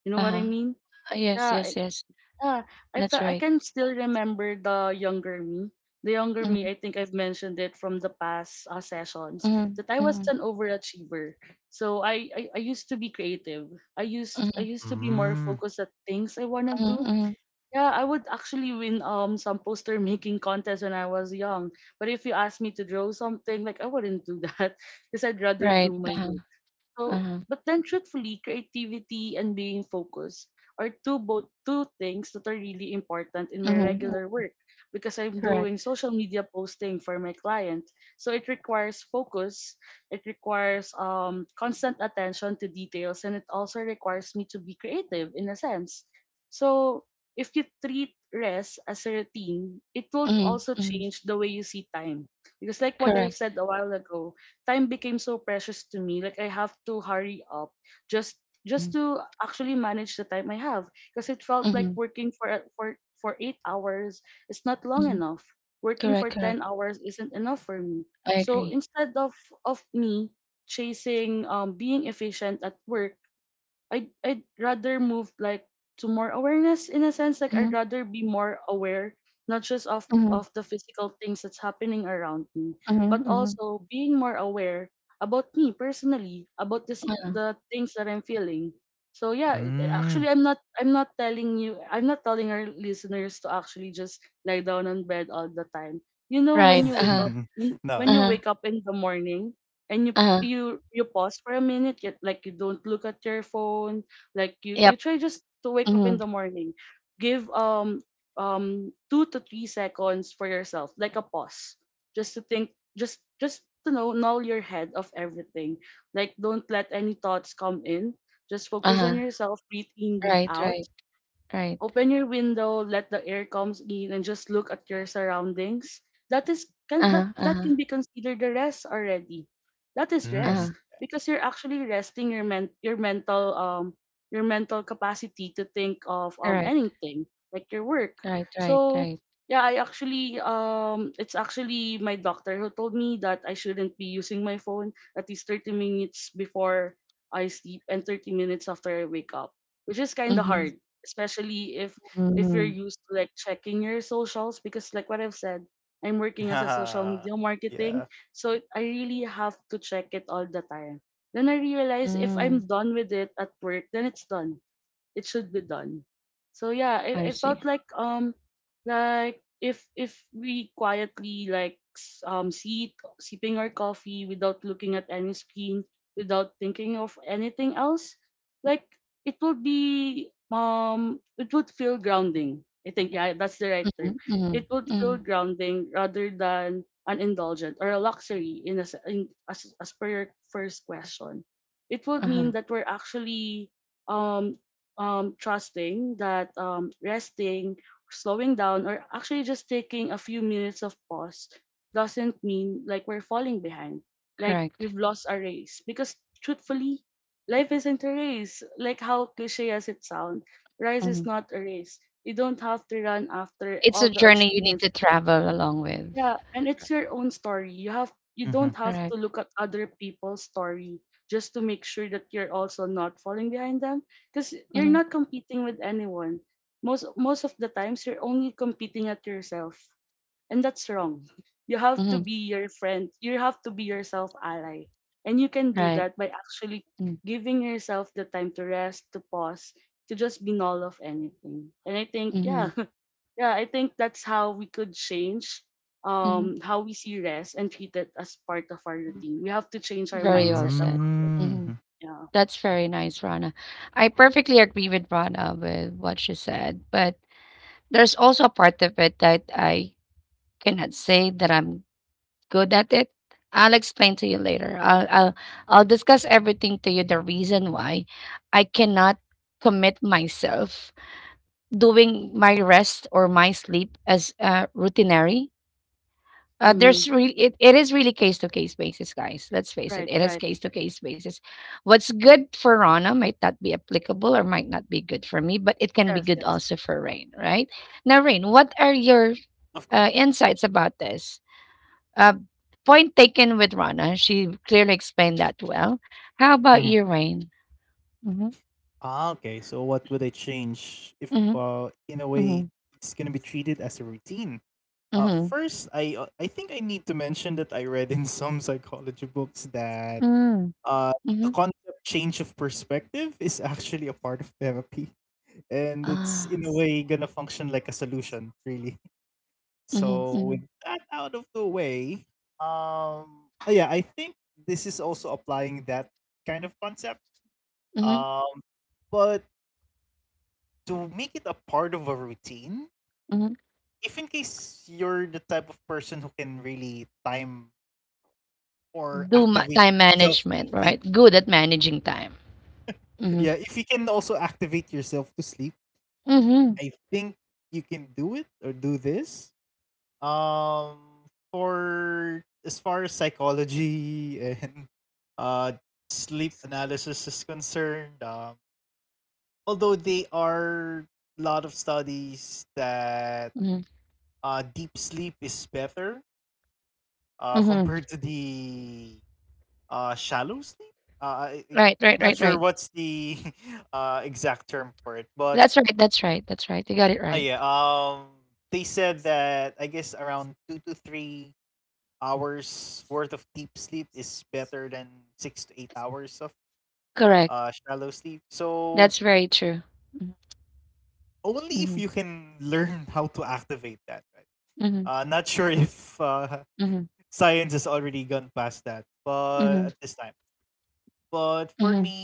You know what I Uh-huh. mean? Yes, Yeah, yes, yes. yeah, That's I right. can still remember the younger me. The younger me, Mhm, I think I've mentioned it from the past sessions, mhm, that I was an mhm, overachiever. So I used to be creative. I mhm, used to be more focused at things I wanna mhm, do. mhm. Yeah, I would actually win some poster making contests when I was young. But if you asked me to draw something, like I wouldn't do that because I'd rather do Right. my Uh-huh, work. So, uh-huh. but then truthfully, creativity and being focused are two both two things that are really important in my Mhm, mm. regular work because I'm Correct. doing social media posting for my client. So it requires focus, it requires constant attention to details, and it also requires me to be creative in a sense. So if you treat rest as a routine, it will Mhm, also mhm. change the way you see time. Because like what I've Correct. said a while ago, time became so precious to me. Like I have to hurry up, just just Mhm, to actually manage the time I have because it felt like mhm, working for 8 hours is not long mhm. enough. Working Correct, for correct. 10 hours isn't enough for me. I So agree. instead of me chasing being efficient at work, I'd rather move like to more awareness in a sense, like I'd Mhm, rather be more aware, not just mhm, of the physical things that's happening around me, but mhm, mhm. also being more aware about me personally, about this Uh-huh. the things that I'm feeling. So yeah, actually, I'm not telling you, I'm not telling our listeners to actually just lie down on bed all the time you know when Right, you wake uh-huh, up When you uh-huh, wake up in the morning and uh-huh, you you pause for a minute, yet like you don't look at your phone. Like you yep, try just to wake up in mhm, the morning, give 2 to 3 seconds for yourself, like a pause, just to think, just to know, null your head of everything. Like don't let any thoughts come in, just focus on uh-huh, yourself, breathe in, breathe right, out. right, right, Open your window, let the air comes in, and just look at your surroundings. That is, can uh-huh, that uh-huh, that can be considered a rest already. That is uh-huh, rest, because you're actually resting your men your mental capacity to think of correct, anything like your work. right, right, So right, yeah, I actually it's actually my doctor who told me that I shouldn't be using my phone at least 30 minutes before I sleep and 30 minutes after I wake up, which is kind of mhm, hard, especially if you're mhm, used to like checking your socials, because like what I've said, I'm working as a social media marketing, so I really have to check it all the time. Then I realize, if mm, I'm done with it at work, then it should be done. So yeah, I I see, felt like if we quietly like sit sipping our coffee without looking at any screen, without thinking of anything else, like it would be it would feel grounding. I think, yeah, that's the right term. mhm, mhm, It would feel mhm, grounding rather than an indulgent or a luxury, as per your first question. It would uh-huh, mean that we're actually um trusting that resting, slowing down, or actually just taking a few minutes of pause doesn't mean like we're falling behind, like correct, we've lost our race. Because truthfully, life isn't a race. Like how cliche as it sounds, rise is mhm. not a race. You don't have to run after It's all a the journey you need achievements. to travel along with, Yeah, and it's right, your own story. You don't have to correct, look at other people's story just to make sure that you're also not falling behind them, because you're mhm, not competing with anyone. Most of the times you're only competing at yourself, and that's wrong. You have to mhm, be your friend. You have to be yourself ally. And you can do right, that by actually mm, giving yourself the time to rest, to pause, to just be null of anything. And I think, mhm, yeah, yeah, I think that's how we could change mhm, how we see rest and treat it as part of our routine. We have to change our very well mindset said, about it. mhm. Yeah. That's very nice, Rana. I perfectly agree with Rana with what she said, but there's also a part of it that I cannot say that I'm good at it. I'll explain to you later. I'll discuss everything to you the reason why I cannot commit myself doing my rest or my sleep as routinary. There's Hmm. really it is really case to case basis, guys. Let's face it, Right, it is right. case to case basis. What's good for Rana might not be applicable or might not be good for me, but it can be Yes, good yes. also for Rain, right? Now, Rain, what are your insights about this. Uh, point taken with Rana. She clearly explained that well. How about you, Rain? Mm-hmm, mm-hmm, mm-hmm, mm-hmm, mm-hmm, mm-hmm. Ah, mm-hmm, mm-hmm, mm-hmm, mm-hmm. Time management, right? Good at managing time. Mm-hmm, mm-hmm, mm-hmm, mm-hmm. Right, right, right, right. That's right, that's right, that's right. You got it right. Correct. That's very true. Mm-hmm, mm-hmm, mm-hmm, mm-hmm, mm-hmm.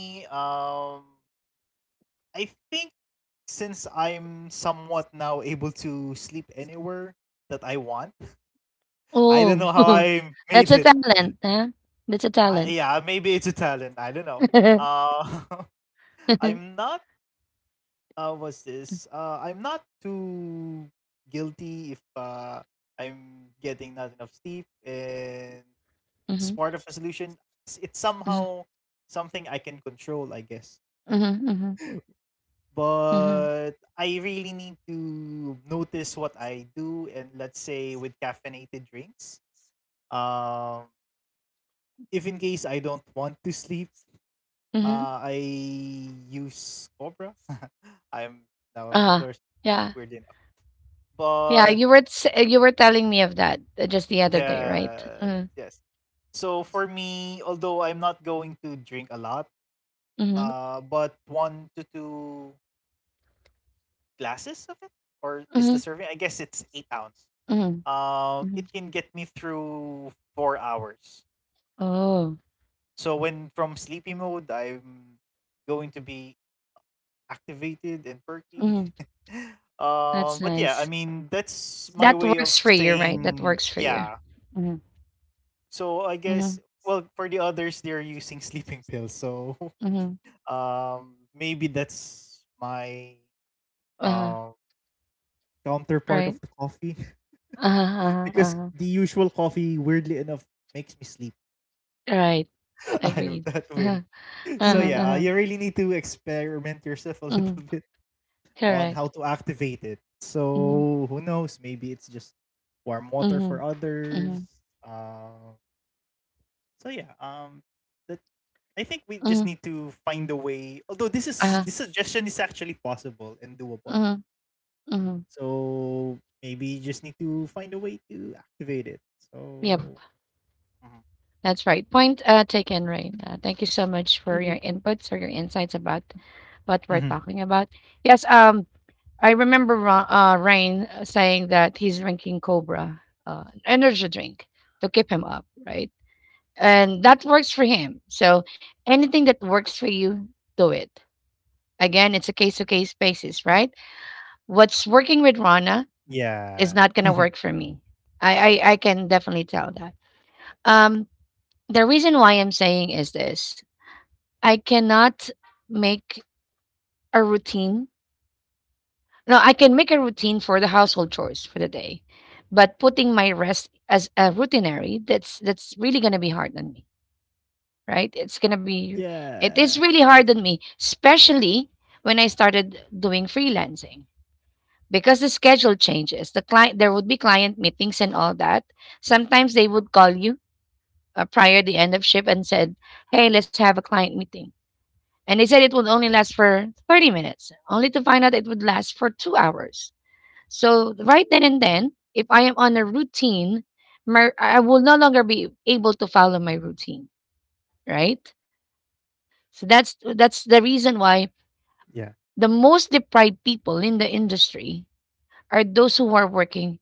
Oh, that's a talent, huh? That's a talent. Mhm, mhm, mhm, mhm, mhm, mhm. Uh-huh, yeah, yeah, you were s you were telling me of that, just the other day, right? Mhm, mhm, mhm, mhm, mhm. Oh, mhm, that's nice. That works for you, right? That works for you. Mhm, mhm, mhm. Uh-huh, right. Uh-huh, uh-huh, uh-huh. Right. Agreed. Uh-huh, uh-huh, Mm-hmm. uh-huh. Mhm, correct. Mhm, mhm. Mhm, mhm, uh-huh, mhm, mhm, yep, that's right. Point, taken, right. Thank you so much for your inputs or your insights about what we're talking about. Yes, I remember Rain saying that he's drinking Cobra, energy drink to keep him up, right? And that works for him. So anything that works for you, do it. Again, it's a case to case basis, right? What's working with Rana is not gonna work for me. I can definitely tell that. Um, the reason why I'm saying is this, I cannot make a routine. No, I can make a routine for the household chores for the day, but putting my rest as a routinary, that's really gonna be hard on me, right? It's gonna be, it is really hard on me, especially when I started doing freelancing. Because the schedule changes, the client, there would be client meetings and all that. Sometimes they would call you prior the end of shift and said, "Hey, let's have a client meeting." And they said it would only last for 30 minutes, only to find out it would last for 2 hours. So, right then and then, if I am on a routine, I will no longer be able to follow my routine, right? So, that's the reason why the most deprived people in the industry are those who are working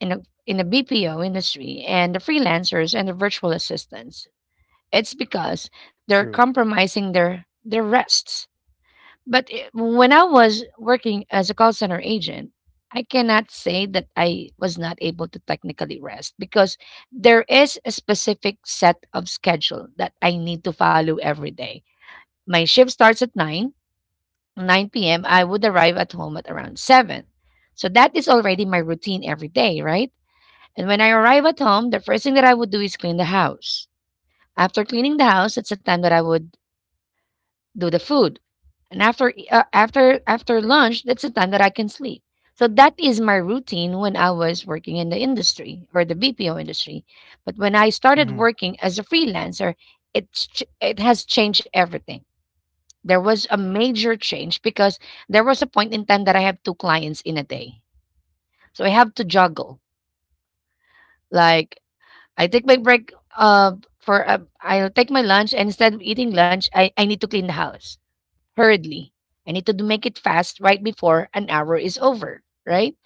in the BPO industry and the freelancers and the virtual assistants. It's because they're compromising their rests. But I when I was working as a call center agent, I cannot say that I was not able to technically rest because there is a specific set of schedule that I need to follow every day. My shift starts at 9, 9 p.m. I would arrive at home at around 7. So that is already my routine every day, right? And when I arrive at home, the first thing that I would do is clean the house. After cleaning the house, it's the time that I would do the food, and after e- after after lunch, that's the time that I can sleep. So that is my routine when I was working in the industry or the BPO industry. But when I started working as a freelancer, it has changed everything. There was a major change because there was a point in time that I have two clients in a day. So I have to juggle, like, I take my break, for I'll take my lunch, and instead of eating lunch, I need to clean the house hurriedly. I need to make it fast right before an hour is over, right?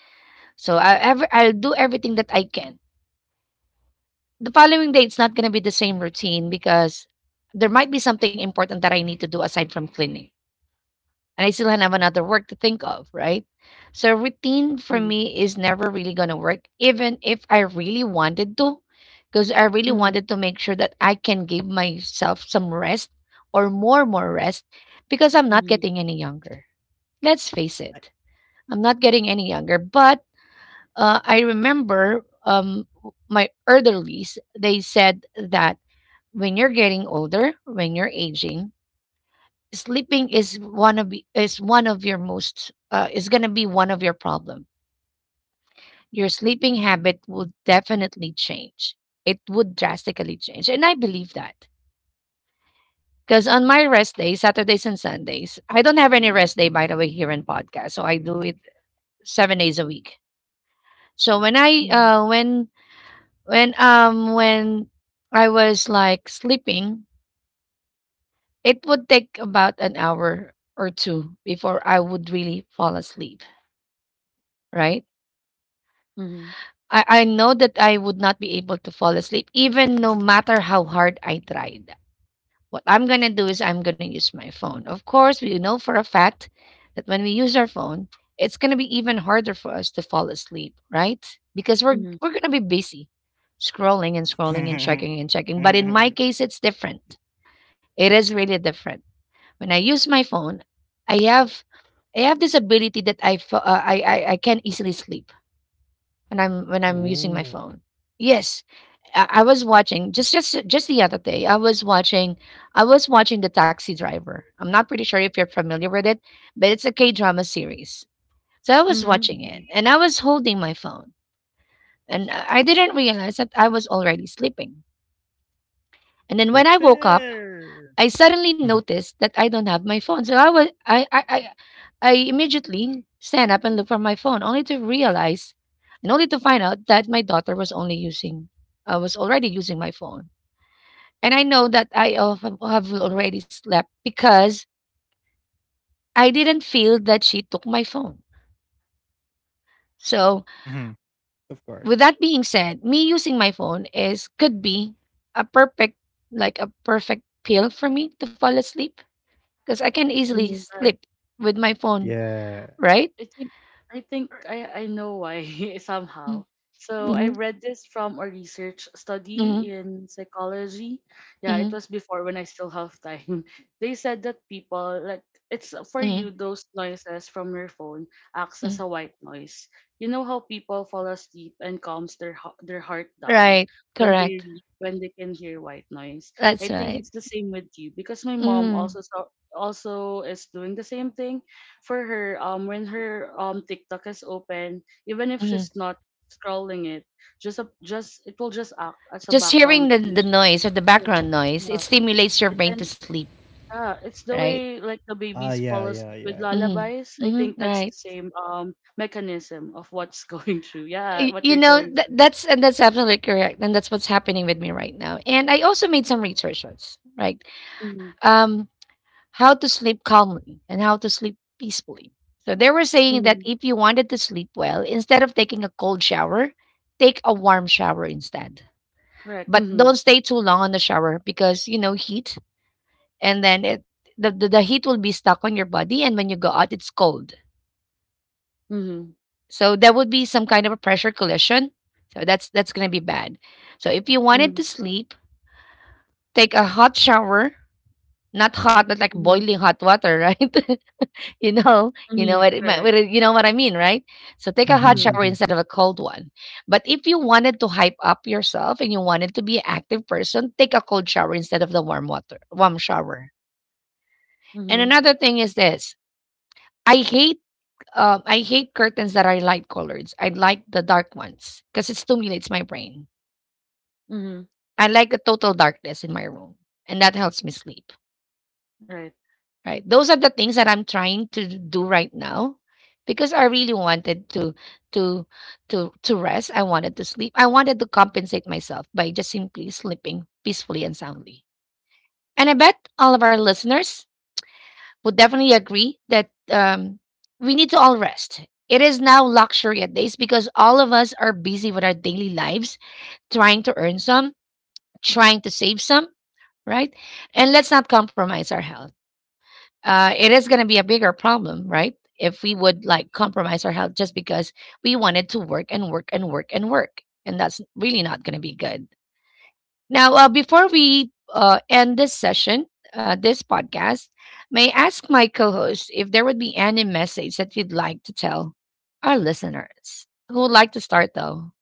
So I'll do everything that I can. The following day it's not going to be the same routine because there might be something important that I need to do aside from cleaning. And I still have another work to think of, right? So routine for Mm-hmm. me is never really going to work even if I really wanted to, because I really Mm-hmm. wanted to make sure that I can give myself some rest, or more rest, because I'm not Mm-hmm. getting any younger. Let's face it. I'm not getting any younger, but I remember, my elderlies, they said that when you're getting older, when you're aging, sleeping is is one of your most, is going to be one of your problem. Your sleeping habit will definitely change. It would drastically change, and I believe that because on my rest days, Saturdays and Sundays, I don't have any rest day, by the way, here in podcast, so I do it 7 days a week. So when I, Mm-hmm. when I was like sleeping, it would take about an hour or two before I would really fall asleep, right? Mm-hmm. I know that I would not be able to fall asleep even no matter how hard I tried. What I'm gonna do is I'm gonna use my phone. Of course, we know for a fact that when we use our phone, it's gonna be even harder for us to fall asleep, right? Because Mm-hmm. Mm-hmm. we're Mm-hmm. we're gonna be busy scrolling and scrolling and checking and checking. But in my case, it's different. It is really different. When I use my phone, I have I have this ability that I can easily sleep when I'm using my phone. Yes, I was watching just the other day. I was watching The Taxi Driver. I'm not pretty sure if you're familiar with it, but it's a K drama series. So I was Mm-hmm. watching it Mm-hmm. and I was holding my phone, and I didn't realize that I was already sleeping. And then when I woke up, I suddenly noticed that I don't have my phone. So I was I immediately stand up and look for my phone, only to realize and only to find out that my daughter was only using, I was already using my phone. And I know that have already slept because I didn't feel that she took my phone. So with that being said, me using my phone is, could be a perfect, like a perfect pill for me to fall asleep because I can easily Mm-hmm. Right. sleep with my phone, right? I think I think I know why Mm, somehow. So mhm, I read this from a research study mhm, in psychology. Yeah, it mhm, was before when I still have time. They said that people like it's for mhm, you, those noises from your phone acts as mhm. a white noise. You know how people fall asleep and calms their heart down Right, when correct. When they can hear white noise. That's I think right. it's the same with you, because my mom Mm, also also is doing the same thing for her, when her TikTok is open, even if mhm. she's not scrolling it, just a, just it will just act as a Just hearing background the music. noise or the Yeah. background noise, it Yeah. stimulates your It brain to can, sleep, yeah, it's the right? way like the babies fall asleep with Mm, lullabies. I mhm, think that's right. the same mechanism of what's going through. Yeah, what You you're know, going through. that's, and that's absolutely correct, and that's what's happening with me right now. And I also made some researches, right? Mm-hmm. Um, how to sleep calmly and how to sleep peacefully. So they were saying that Mm-hmm. if you wanted to sleep well, instead of taking a cold shower, take a warm shower instead. Correct. But Mm-hmm. don't stay too long on the shower because, you know, heat, and then it, the heat will be stuck on your body, and when you go out it's cold. Mm-hmm. So there would be some kind of a pressure collision. So that's going to be bad. So if you Mm-hmm. wanted to sleep, take a hot shower, not hot, not like Mm-hmm. boiling hot water, right? You know, you Mm-hmm. know what, Correct. You know what I mean, right? So take a hot Mm-hmm. shower instead of a cold one. But if you wanted to hype up yourself and you wanted to be an active person, take a cold shower instead of the warm water, warm shower. And Mm-hmm. another thing is this: I hate, I hate curtains that are light colored. I like the dark ones because it stimulates my brain. Mm-hmm. I like the total darkness in my room, and that helps me sleep. Right. Right? Those are the things that I'm trying to do right now because I really wanted to, to to rest. I wanted to sleep. I wanted to compensate myself by just simply sleeping peacefully and soundly. And I bet all of our listeners would definitely agree that, we need to all rest. It is now luxury at days because all of us are busy with our daily lives, trying to earn some, trying to save some, right? And let's not compromise our health. It is going to be a bigger problem, right? If we would like compromise our health just because we wanted to work and work and work and work, and that's really not going to be good. Now, before we end this session, this podcast, may I ask my co host if there would be any message that you'd like to tell our listeners? Who would like to start though?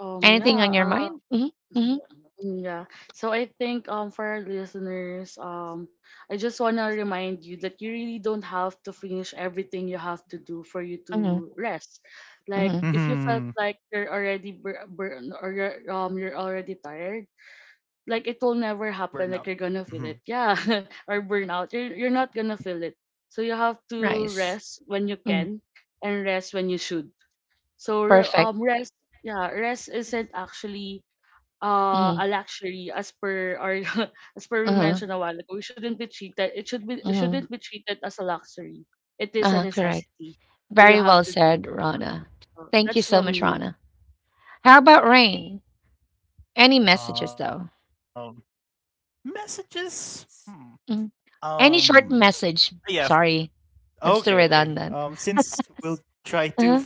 Anything Yeah. on your mind? Hmm, hmm, Mm, yeah. So I think, for our listeners, I just wanna remind you that you really don't have to finish everything you have to do for you hmm, to rest. hmm. Like if you felt like you're already burn, or you're already tired, like it will never happen. Like you're gonna feel it, yeah, or burnout. You're not gonna feel it. So you have to Nice. rest when you Mm, can, and rest when you should. So perfect. Rest, yeah, rest isn't actually Hmm. a luxury, as per, or as per we Uh-huh. mentioned a while ago. We shouldn't be treated. It should be. It shouldn't Hmm. be treated as a luxury. It is a Uh-huh. Correct. necessity. So you Very have well to do. It. said, Rana. So Thank you that's so from much, me. Rana. How about Rain? Any messages though? S-, mm. Any short message. Sorry, that's too redundant. S-. Uh-huh.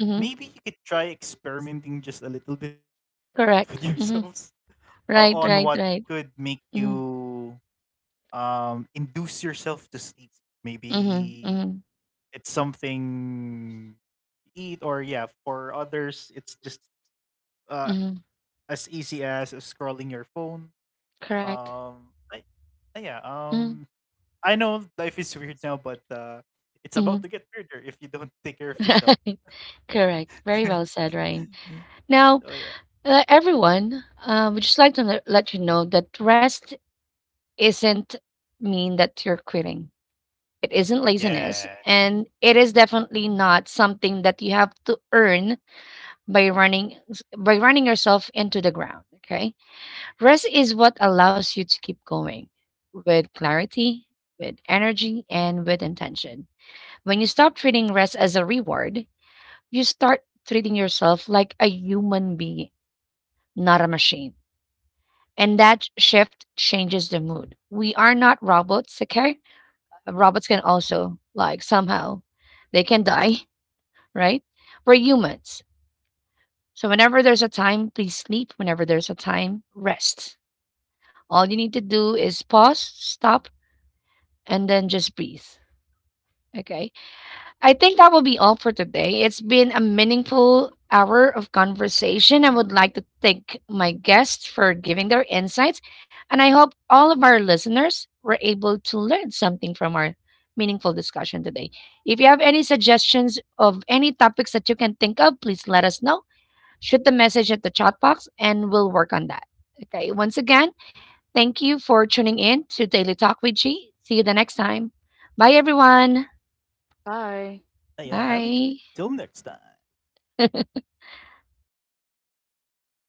Mm-hmm. Correct. Mm-hmm. Right, right, right. Mm-hmm. Mm-hmm. Mm-hmm. Mm-hmm. Correct. Mm-hmm. Correct. Very well said, Ryan. Now, everyone, we just like to let you know that rest isn't mean that you're quitting. It isn't laziness, and it is definitely not something that you have to earn by running, by running yourself into the ground. Okay. Rest is what allows you to keep going, with clarity, with energy, and with intention. When you stop treating rest as a reward, you start treating yourself like a human being, not a machine. And that shift changes the mood. We are not robots, okay? Robots can also, like, somehow, they can die. Right? We're humans. So whenever there's a time, please sleep. Whenever there's a time, rest. All you need to do is pause, stop, and then just breathe. Okay. I think that will be all for today. It's been a meaningful hour of conversation. I would like to thank my guests for giving their insights. And I hope all of our listeners were able to learn something from our meaningful discussion today. If you have any suggestions of any topics that you can think of, please let us know, shoot the message at the chat box and we'll work on that. Okay, once again, thank you for tuning in to Daily Talk with G. See you the next time. Bye, everyone. Bye. Bye.